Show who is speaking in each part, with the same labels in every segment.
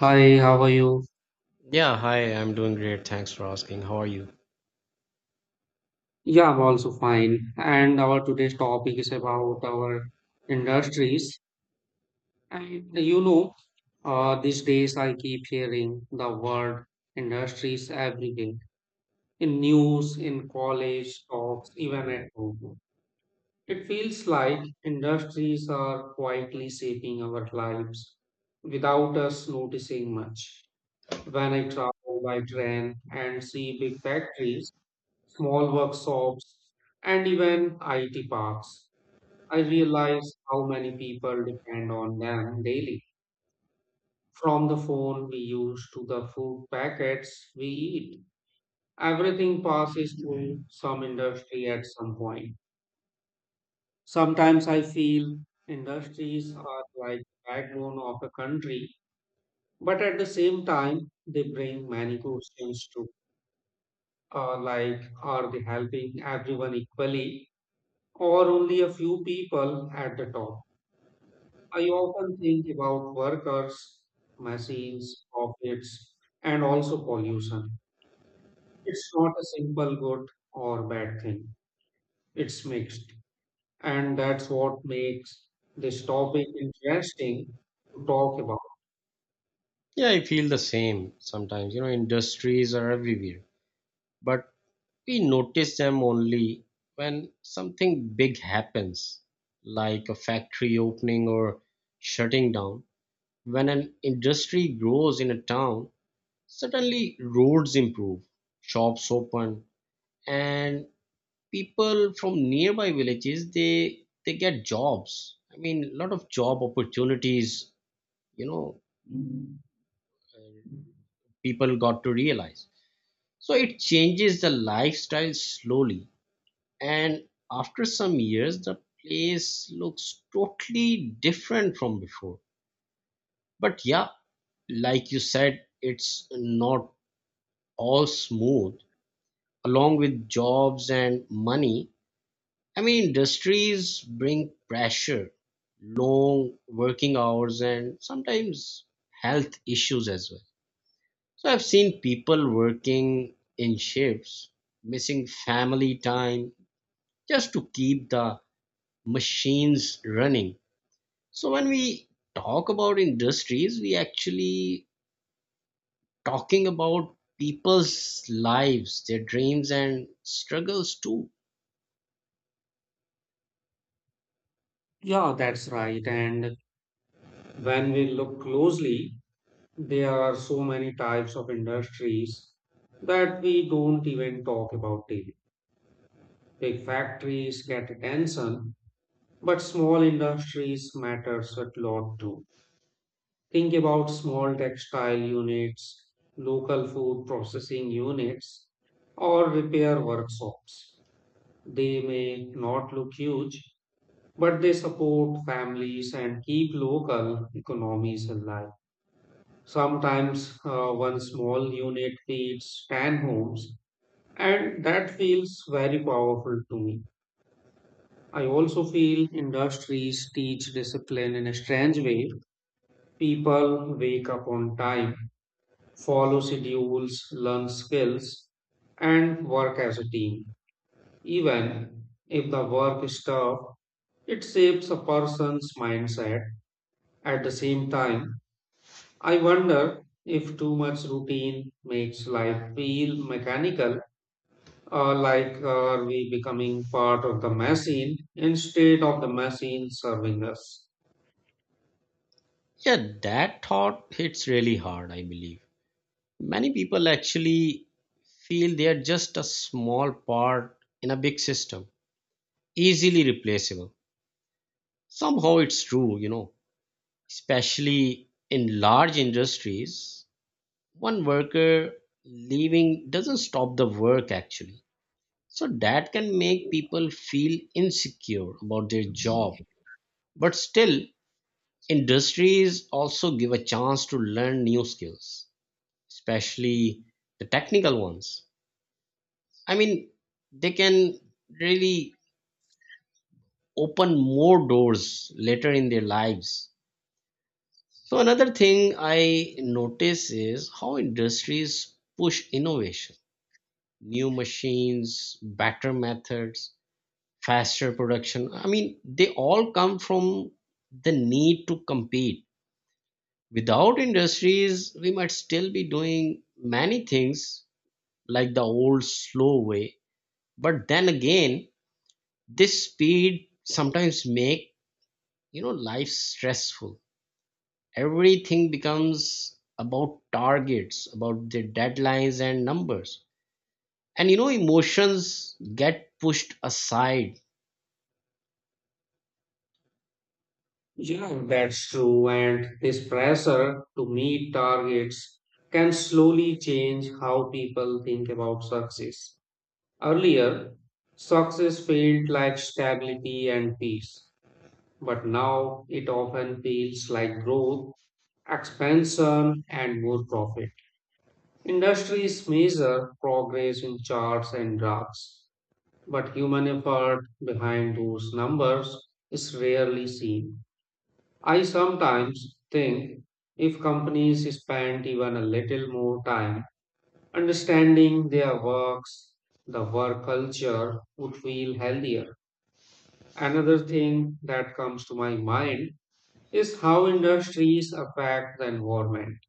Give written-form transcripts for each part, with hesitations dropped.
Speaker 1: Hi, how are you?
Speaker 2: Yeah, hi, I'm doing great. Thanks for asking. How are you?
Speaker 1: Yeah, I'm also fine. And our today's topic is about our industries. And you know, these days I keep hearing the word industries everywhere, in news, in college talks, even at home. It feels like industries are quietly shaping our lives without us noticing much. When I travel by train and see big factories, small workshops, and even IT parks, I realize how many people depend on them daily. From the phone we use to the food packets we eat, everything passes through some industry at some point. Sometimes I feel industries are like the backbone of a country, but at the same time, they bring many questions too. Like, are they helping everyone equally, or only a few people at the top? I often think about workers, machines, profits, and also pollution. It's not a simple good or bad thing, it's mixed. And that's what makes this topic interesting to talk about.
Speaker 2: Yeah, I feel the same sometimes. You know, industries are everywhere, but we notice them only when something big happens, like a factory opening or shutting down. When an industry grows in a town, suddenly roads improve, shops open, and people from nearby villages they get jobs. I mean, a lot of job opportunities, you know, people got to realize. So it changes the lifestyle slowly, and after some years, the place looks totally different from before. But yeah, like you said, it's not all smooth. Along with jobs and money, I mean, industries bring pressure, long working hours, and sometimes health issues as well. So I've seen people working in shifts, missing family time just to keep the machines running. So when we talk about industries, we actually talking about people's lives, their dreams and struggles too.
Speaker 1: Yeah, that's right. And when we look closely, there are so many types of industries that we don't even talk about daily. Big factories get attention, but small industries matters a lot too. Think about small textile units, local food processing units, or repair workshops. They may not look huge, but they support families and keep local economies alive. Sometimes one small unit feeds 10 homes, and that feels very powerful to me. I also feel industries teach discipline in a strange way. People wake up on time, follow schedules, learn skills, and work as a team. Even if the work is tough, it shapes a person's mindset. At the same time, I wonder if too much routine makes life feel mechanical, or like, are we becoming part of the machine instead of the machine serving us?
Speaker 2: Yeah, that thought hits really hard, I believe. Many people actually feel they are just a small part in a big system, easily replaceable. Somehow it's true, you know, especially in large industries, one worker leaving doesn't stop the work actually. So that can make people feel insecure about their job. But still, industries also give a chance to learn new skills, especially the technical ones. I mean, they can really open more doors later in their lives. So another thing I notice is how industries push innovation, new machines, better methods, faster production. I mean, they all come from the need to compete. Without industries, we might still be doing many things like the old slow way. But then again, this speed sometimes make, life stressful. Everything becomes about targets, about the deadlines and numbers, and emotions get pushed aside.
Speaker 1: Yeah, that's true. And this pressure to meet targets can slowly change how people think about success. Earlier, success felt like stability and peace, but now it often feels like growth, expansion, and more profit. Industries measure progress in charts and graphs, but human effort behind those numbers is rarely seen. I sometimes think if companies spent even a little more time understanding their works, the work culture would feel healthier. Another thing that comes to my mind is how industries affect the environment.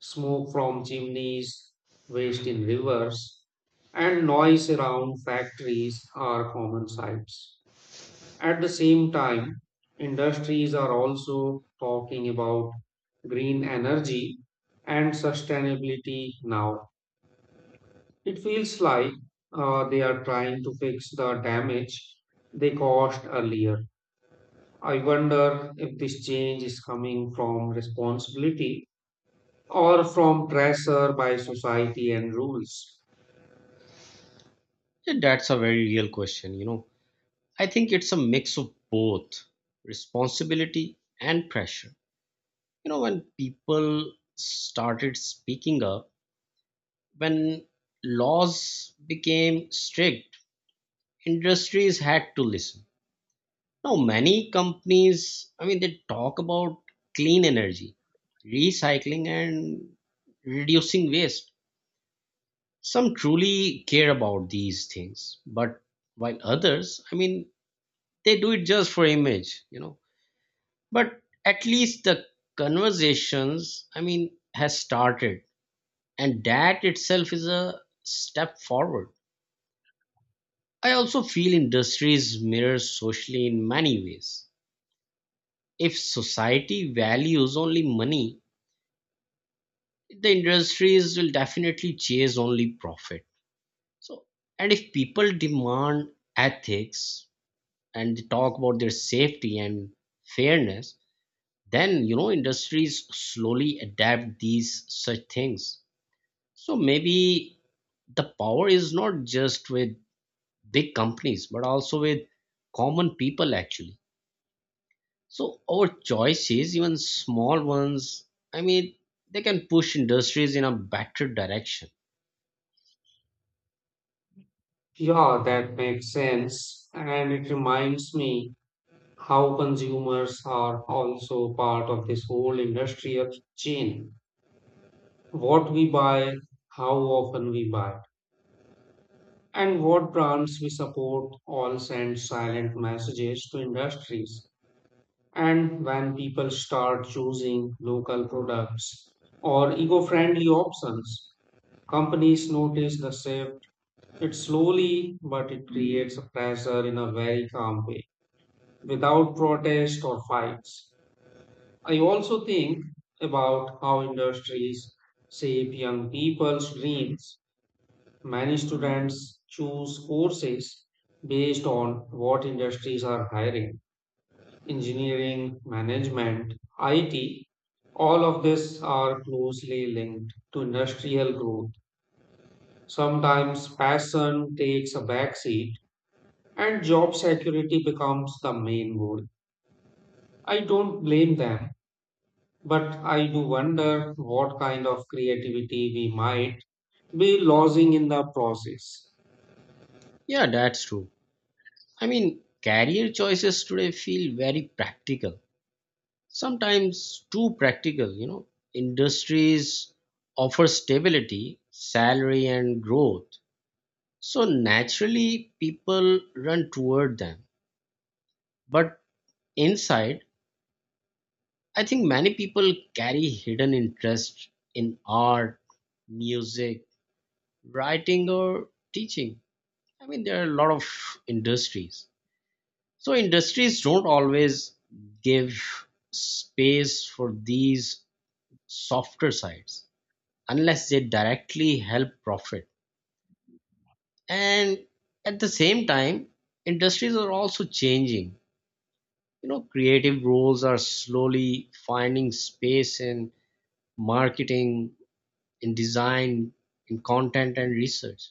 Speaker 1: Smoke from chimneys, waste in rivers, and noise around factories are common sights. At the same time, industries are also talking about green energy and sustainability now. It feels like they are trying to fix the damage they caused earlier. I wonder if this change is coming from responsibility or from pressure by society and rules.
Speaker 2: Yeah, that's a very real question. You know, I think it's a mix of both, responsibility and pressure. You know, when people started speaking up, when laws became strict, industries had to listen. Now, many companies, I mean, they talk about clean energy, recycling, and reducing waste. Some truly care about these things, but while others, I mean, they do it just for image, But at least the conversations, I mean, has started, and that itself is a step forward. I also feel industries mirror socially in many ways. If society values only money, the industries will definitely chase only profit. So, and if people demand ethics and they talk about their safety and fairness, then industries slowly adapt these such things. So maybe the power is not just with big companies, but also with common people actually. So our choices, even small ones, I mean, they can push industries in a better direction.
Speaker 1: Yeah, that makes sense. And it reminds me how consumers are also part of this whole industrial chain. What we buy, how often we buy, and what brands we support all send silent messages to industries. And when people start choosing local products or eco friendly options, companies notice the shift. It's slowly, but it creates a pressure in a very calm way, without protest or fights. I also think about how industries shape young people's dreams. Many students choose courses based on what industries are hiring: engineering, management, IT. All of these are closely linked to industrial growth. Sometimes passion takes a backseat and job security becomes the main goal. I don't blame them, but I do wonder what kind of creativity we might be losing in the process.
Speaker 2: Yeah, that's true. I mean, career choices today feel very practical, sometimes too practical. You know, industries offer stability, salary, and growth. So naturally, people run toward them. But inside, I think many people carry hidden interest in art, music, writing, or teaching. I mean, there are a lot of industries. So industries don't always give space for these softer sides unless they directly help profit. And at the same time, industries are also changing. You know, creative roles are slowly finding space in marketing, in design, in content and research.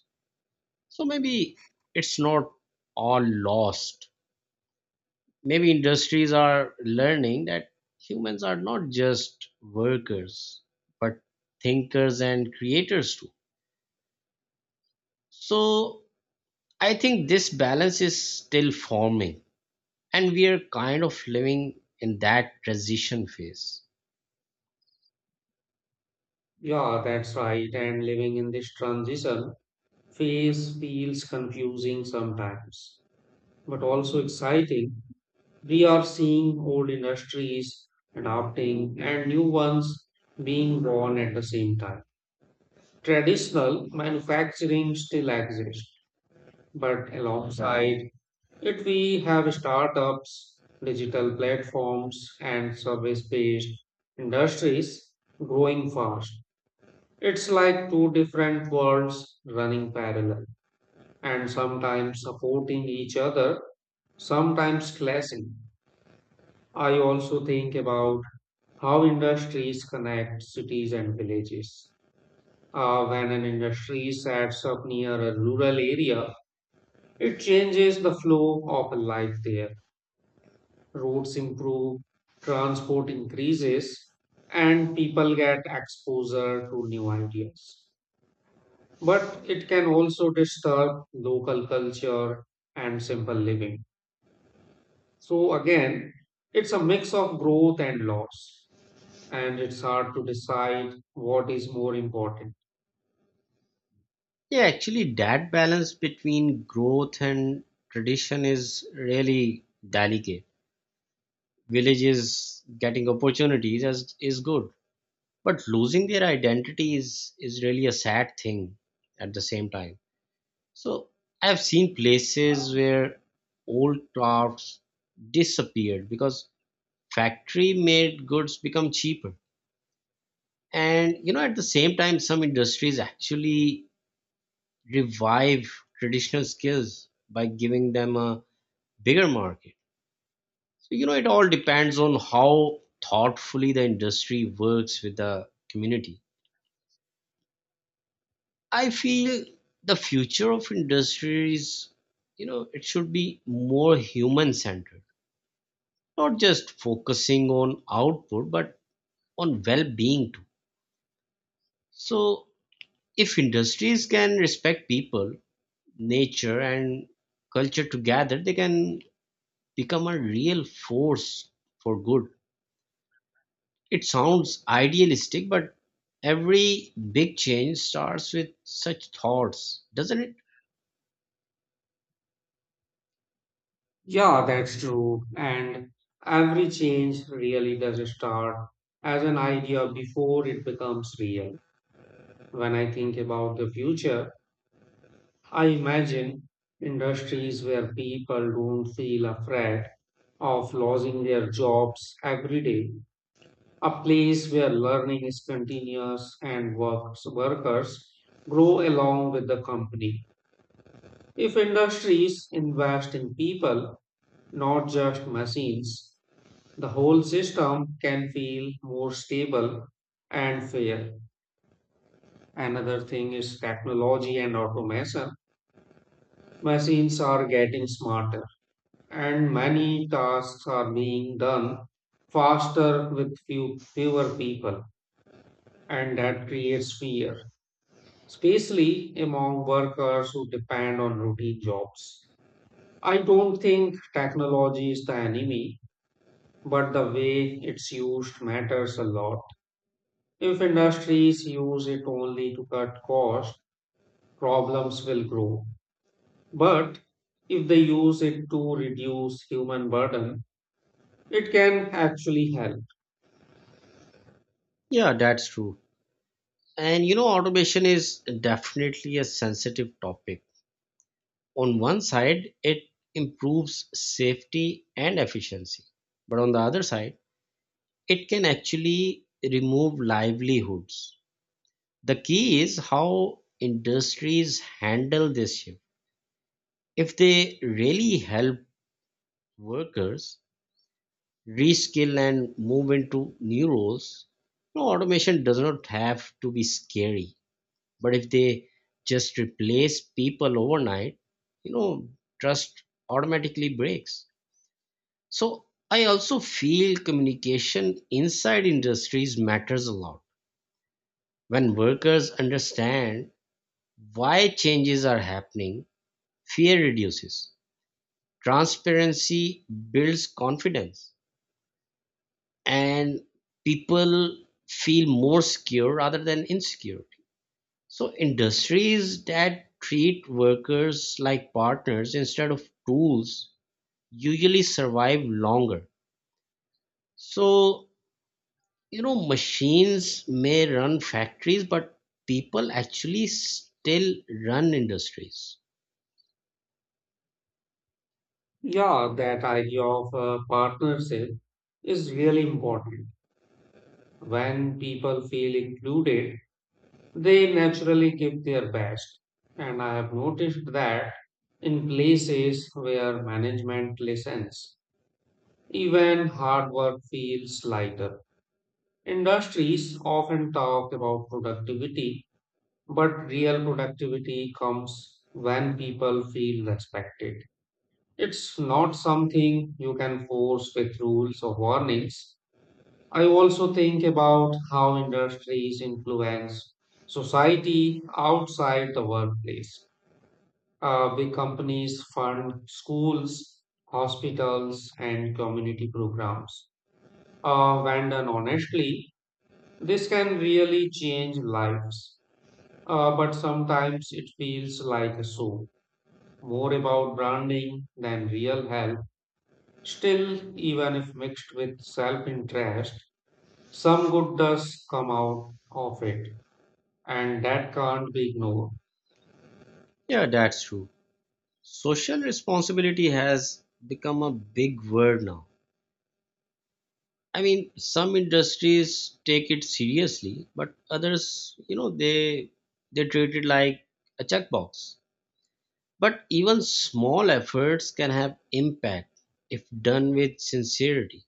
Speaker 2: So maybe it's not all lost. Maybe industries are learning that humans are not just workers but thinkers and creators too. So I think this balance is still forming, and we are kind of living in that transition phase.
Speaker 1: Yeah, that's right. And living in this transition phase feels confusing sometimes, but also exciting. We are seeing old industries adapting and new ones being born at the same time. Traditional manufacturing still exists, but alongside. Yet we have startups, digital platforms, and service-based industries growing fast. It's like two different worlds running parallel, and sometimes supporting each other, sometimes clashing. I also think about how industries connect cities and villages. When an industry sets up near a rural area, it changes the flow of life there. Roads improve, transport increases, and people get exposure to new ideas. But it can also disturb local culture and simple living. So, again, it's a mix of growth and loss, and it's hard to decide what is more important.
Speaker 2: Yeah, actually that balance between growth and tradition is really delicate. Villages getting opportunities as is good, but losing their identity is really a sad thing at the same time. So I've seen places where old crafts disappeared because factory made goods become cheaper. And at the same time some industries actually revive traditional skills by giving them a bigger market. So it all depends on how thoughtfully the industry works with the community. I feel the future of industry is, it should be more human centered, not just focusing on output, but on well being too. So, if industries can respect people, nature, and culture together, they can become a real force for good. It sounds idealistic, but every big change starts with such thoughts, doesn't it?
Speaker 1: Yeah, that's true. And every change really does start as an idea before it becomes real. When I think about the future, I imagine industries where people don't feel afraid of losing their jobs every day, a place where learning is continuous and workers grow along with the company. If industries invest in people, not just machines, the whole system can feel more stable and fair. Another thing is technology and automation. Machines are getting smarter and many tasks are being done faster with fewer people, and that creates fear, especially among workers who depend on routine jobs. I don't think technology is the enemy, but the way it's used matters a lot. If industries use it only to cut costs, problems will grow. But if they use it to reduce human burden, it can actually help.
Speaker 2: Yeah, that's true. And automation is definitely a sensitive topic. On one side, it improves safety and efficiency, but on the other side, it can actually remove livelihoods. The key is how industries handle this shift. If they really help workers reskill and move into new roles, no, automation does not have to be scary. But if they just replace people overnight, you know, trust automatically breaks. So I also feel communication inside industries matters a lot. When workers understand why changes are happening, fear reduces. Transparency builds confidence, and people feel more secure rather than insecure. So industries that treat workers like partners instead of tools usually survive longer. So, machines may run factories, but people actually still run industries.
Speaker 1: Yeah, that idea of a partnership is really important. When people feel included, they naturally give their best. And I have noticed that in places where management listens, even hard work feels lighter. Industries often talk about productivity, but real productivity comes when people feel respected. It's not something you can force with rules or warnings. I also think about how industries influence society outside the workplace. Big companies fund schools, hospitals, and community programs. When done honestly, this can really change lives. But sometimes it feels like a show, more about branding than real help. Still, even if mixed with self interest, some good does come out of it, and that can't be ignored.
Speaker 2: Yeah, that's true. Social responsibility has become a big word now. I mean, some industries take it seriously, but others, they treat it like a checkbox. But even small efforts can have impact if done with sincerity.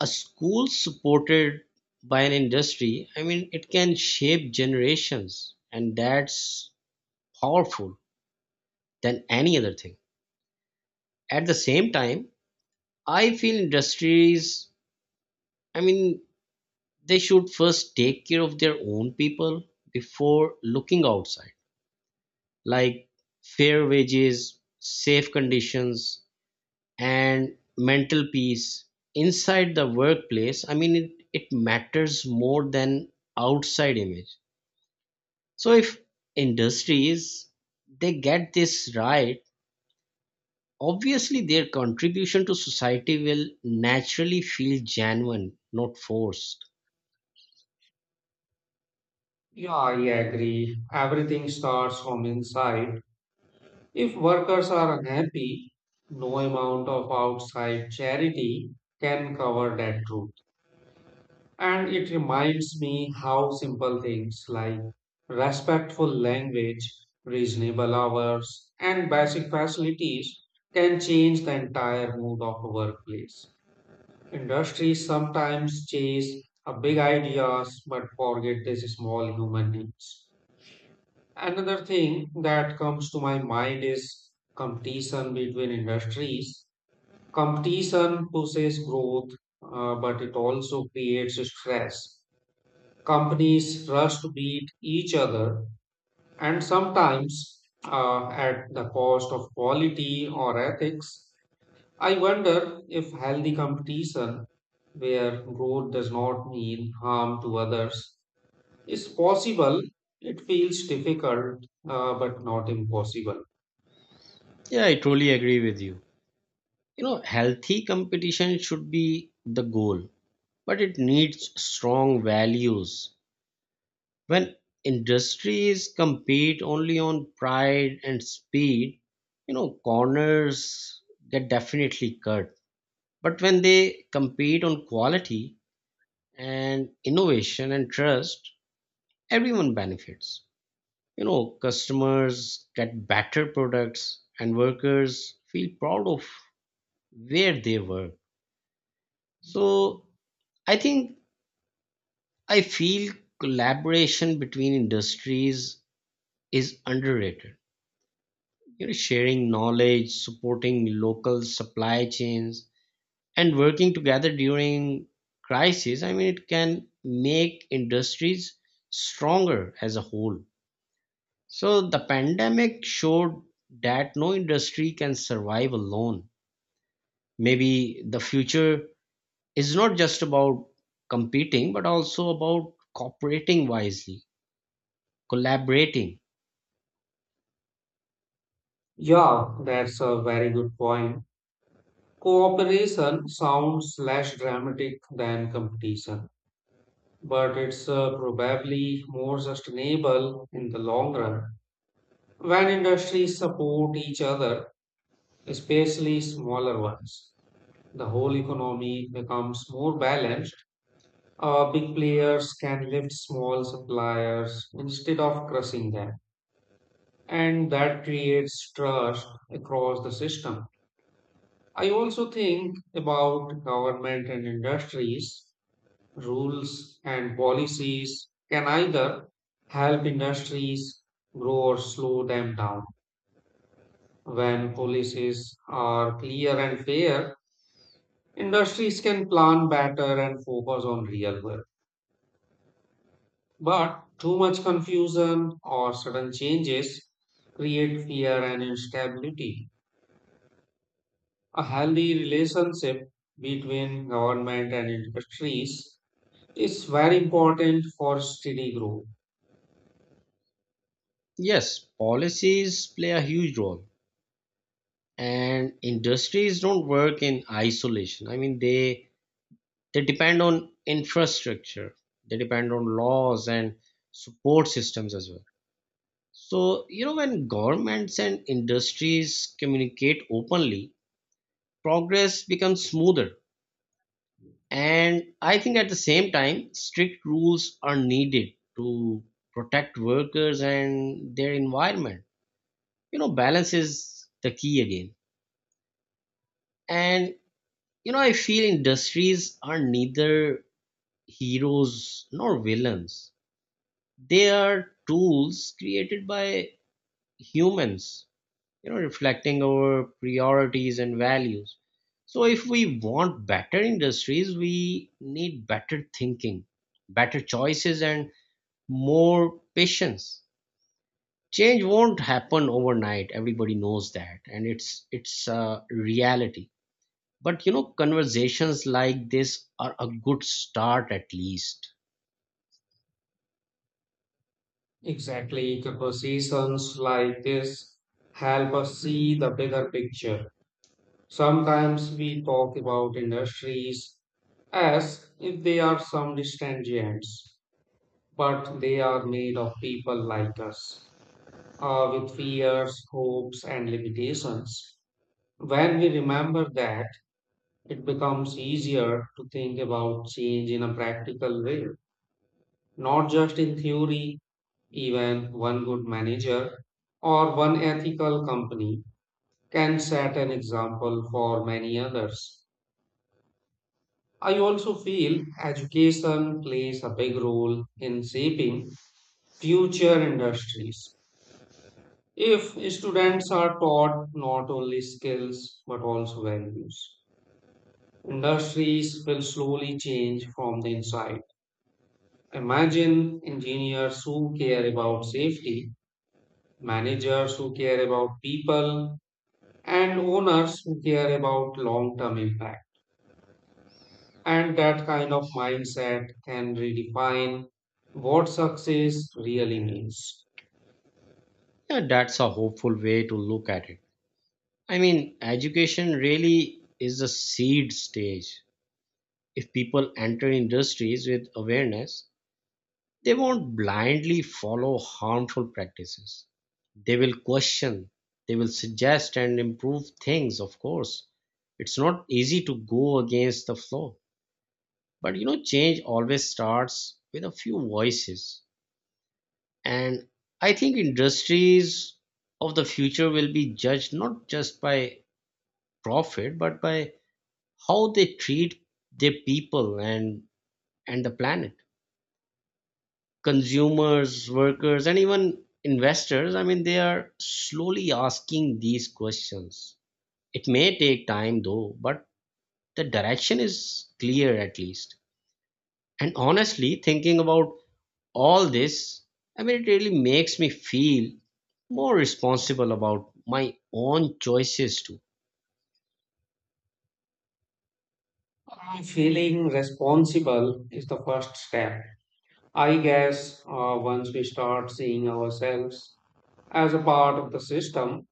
Speaker 2: A school supported by an industry, I mean, it can shape generations, and that's powerful than any other thing. At the same time, I feel industries, I mean, they should first take care of their own people before looking outside, like fair wages, safe conditions, and mental peace inside the workplace. I mean it matters more than outside image. So if industries they get this right, obviously their contribution to society will naturally feel genuine, not forced.
Speaker 1: Yeah, I agree. Everything starts from inside. If workers are unhappy, no amount of outside charity can cover that truth. And it reminds me how simple things like respectful language, reasonable hours, and basic facilities can change the entire mood of a workplace. Industries sometimes chase a big ideas but forget these small human needs. Another thing that comes to my mind is competition between industries. Competition pushes growth, but it also creates stress. Companies rush to beat each other and sometimes, at the cost of quality or ethics. I wonder if healthy competition, where growth does not mean harm to others, is possible. It feels difficult, but not impossible.
Speaker 2: Yeah, I totally agree with you. You know, healthy competition should be the goal, but it needs strong values. When industries compete only on pride and speed, corners get definitely cut. But when they compete on quality and innovation and trust, everyone benefits. You know, customers get better products, and workers feel proud of where they work. So I think I feel collaboration between industries is underrated. You know, sharing knowledge, supporting local supply chains, and working together during crisis. I mean, it can make industries stronger as a whole. So the pandemic showed that no industry can survive alone. Maybe the future is not just about competing, but also about cooperating wisely, collaborating.
Speaker 1: Yeah, that's a very good point. Cooperation sounds less dramatic than competition, but it's probably more sustainable in the long run. When industries support each other, especially smaller ones, the whole economy becomes more balanced. Big players can lift small suppliers instead of crushing them, and that creates trust across the system. I also think about government and industries. Rules and policies can either help industries grow or slow them down. When policies are clear and fair, industries can plan better and focus on real work. But too much confusion or sudden changes create fear and instability. A healthy relationship between government and industries is very important for steady growth.
Speaker 2: Yes, policies play a huge role, and industries don't work in isolation. I mean they depend on infrastructure, they depend on laws and support systems as well. So when governments and industries communicate openly, progress becomes smoother. And I think at the same time strict rules are needed to protect workers and their environment. You know, balance is the key again. And you know, I feel industries are neither heroes nor villains. They are tools created by humans, reflecting our priorities and values. So, if we want better industries, we need better thinking, better choices, and more patience. Change won't happen overnight. Everybody knows that, and it's a reality. But conversations like this are a good start at least.
Speaker 1: Exactly, conversations like this help us see the bigger picture. Sometimes we talk about industries as if they are some distant giants, but they are made of people like us, with fears, hopes, and limitations. When we remember that, it becomes easier to think about change in a practical way, not just in theory. Even one good manager or one ethical company can set an example for many others. I also feel education plays a big role in shaping future industries. If students are taught not only skills but also values, industries will slowly change from the inside. Imagine engineers who care about safety, managers who care about people, and owners who care about long term impact. And that kind of mindset can redefine what success really means.
Speaker 2: Yeah, that's a hopeful way to look at it. I mean, education really is a seed stage. If people enter industries with awareness, they won't blindly follow harmful practices. They will question, they will suggest and improve things, of course. It's not easy to go against the flow. But change always starts with a few voices. And I think industries of the future will be judged not just by profit, but by how they treat their people and the planet. Consumers, workers, and even investors, I mean, they are slowly asking these questions. It may take time though, but the direction is clear at least. And honestly, thinking about all this, I mean, it really makes me feel more responsible about my own choices too.
Speaker 1: Feeling responsible is the first step, I guess. Uh, once we start seeing ourselves as a part of the system,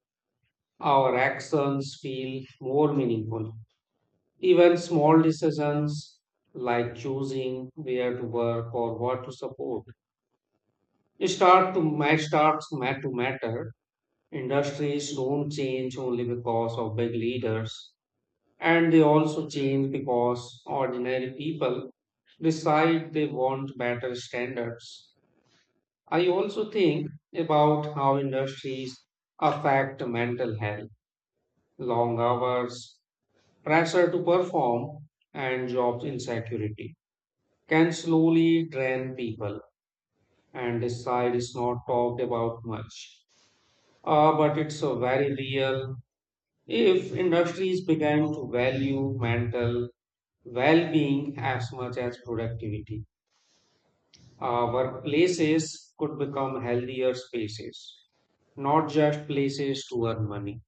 Speaker 1: our actions feel more meaningful. Even small decisions like choosing where to work or what to support Start to ma- starts mat to matter. Industries don't change only because of big leaders, and they also change because ordinary people decide they want better standards. I also think about how industries affect mental health, long hours, pressure to perform, and job insecurity can slowly drain people, and this side is not talked about much. But it's a very real. If industries began to value mental well-being as much as productivity, workplaces could become healthier spaces, not just places to earn money.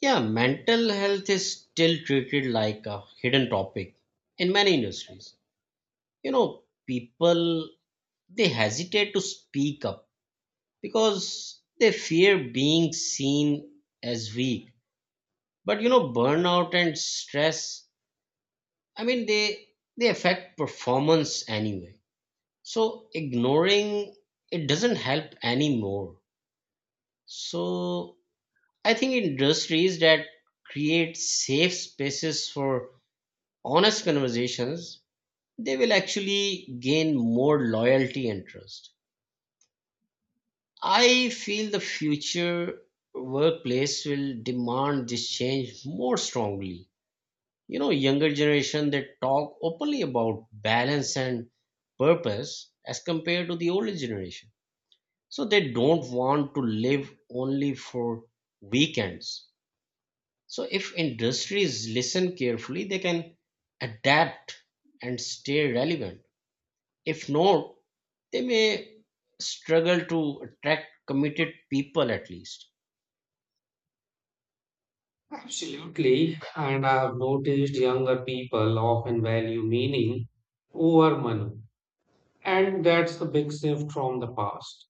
Speaker 2: Yeah, mental health is still treated like a hidden topic in many industries. You know, people they hesitate to speak up because they fear being seen as weak. But burnout and stress, I mean, they affect performance anyway. So ignoring it doesn't help anymore. So I think industries that create safe spaces for honest conversations, they will actually gain more loyalty and trust. I feel the future workplace will demand this change more strongly. You know, younger generation that talk openly about balance and purpose as compared to the older generation. So they don't want to live only for weekends. So if industries listen carefully, they can adapt and stay relevant. If not, they may struggle to attract committed people at least.
Speaker 1: Absolutely. And I've noticed younger people often value meaning over money. And that's the big shift from the past.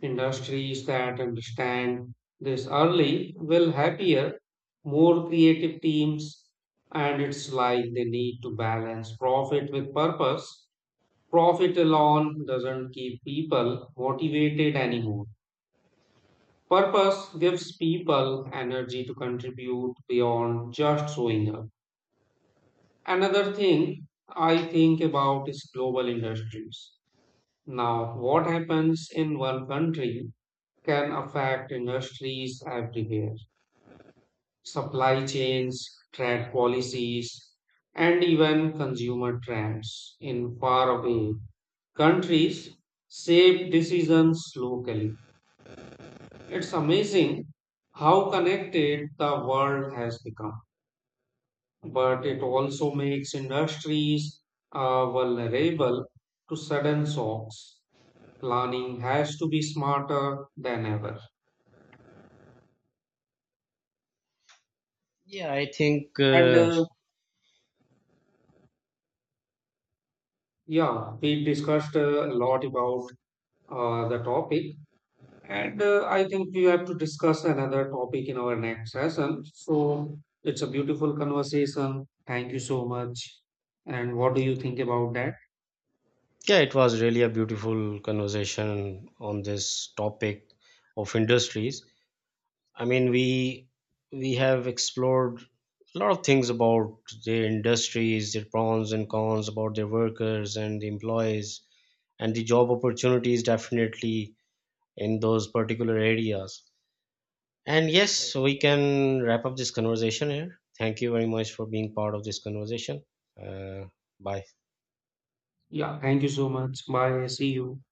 Speaker 1: Industries that understand this early will happier, more creative teams, and it's like they need to balance profit with purpose. Profit alone doesn't keep people motivated anymore. Purpose gives people energy to contribute beyond just showing up. Another thing I think about is global industries. Now, what happens in one country can affect industries everywhere, supply chains, trade policies, and even consumer trends in faraway countries shape decisions locally. It's amazing how connected the world has become, but it also makes industries vulnerable to sudden shocks. Planning has to be smarter than ever.
Speaker 2: Yeah I think
Speaker 1: And Yeah, we discussed a lot about the topic, and I think we have to discuss another topic in our next session. So it's a beautiful conversation. Thank you so much. And what do you think about that?
Speaker 2: Yeah, it was really a beautiful conversation on this topic of industries. I mean, we have explored a lot of things about their industries, their pros and cons, about their workers and the employees, and the job opportunities definitely in those particular areas. And yes, so we can wrap up this conversation here. Thank you very much for being part of this conversation. Uh, Bye.
Speaker 1: Yeah, thank you so much. Bye. See you.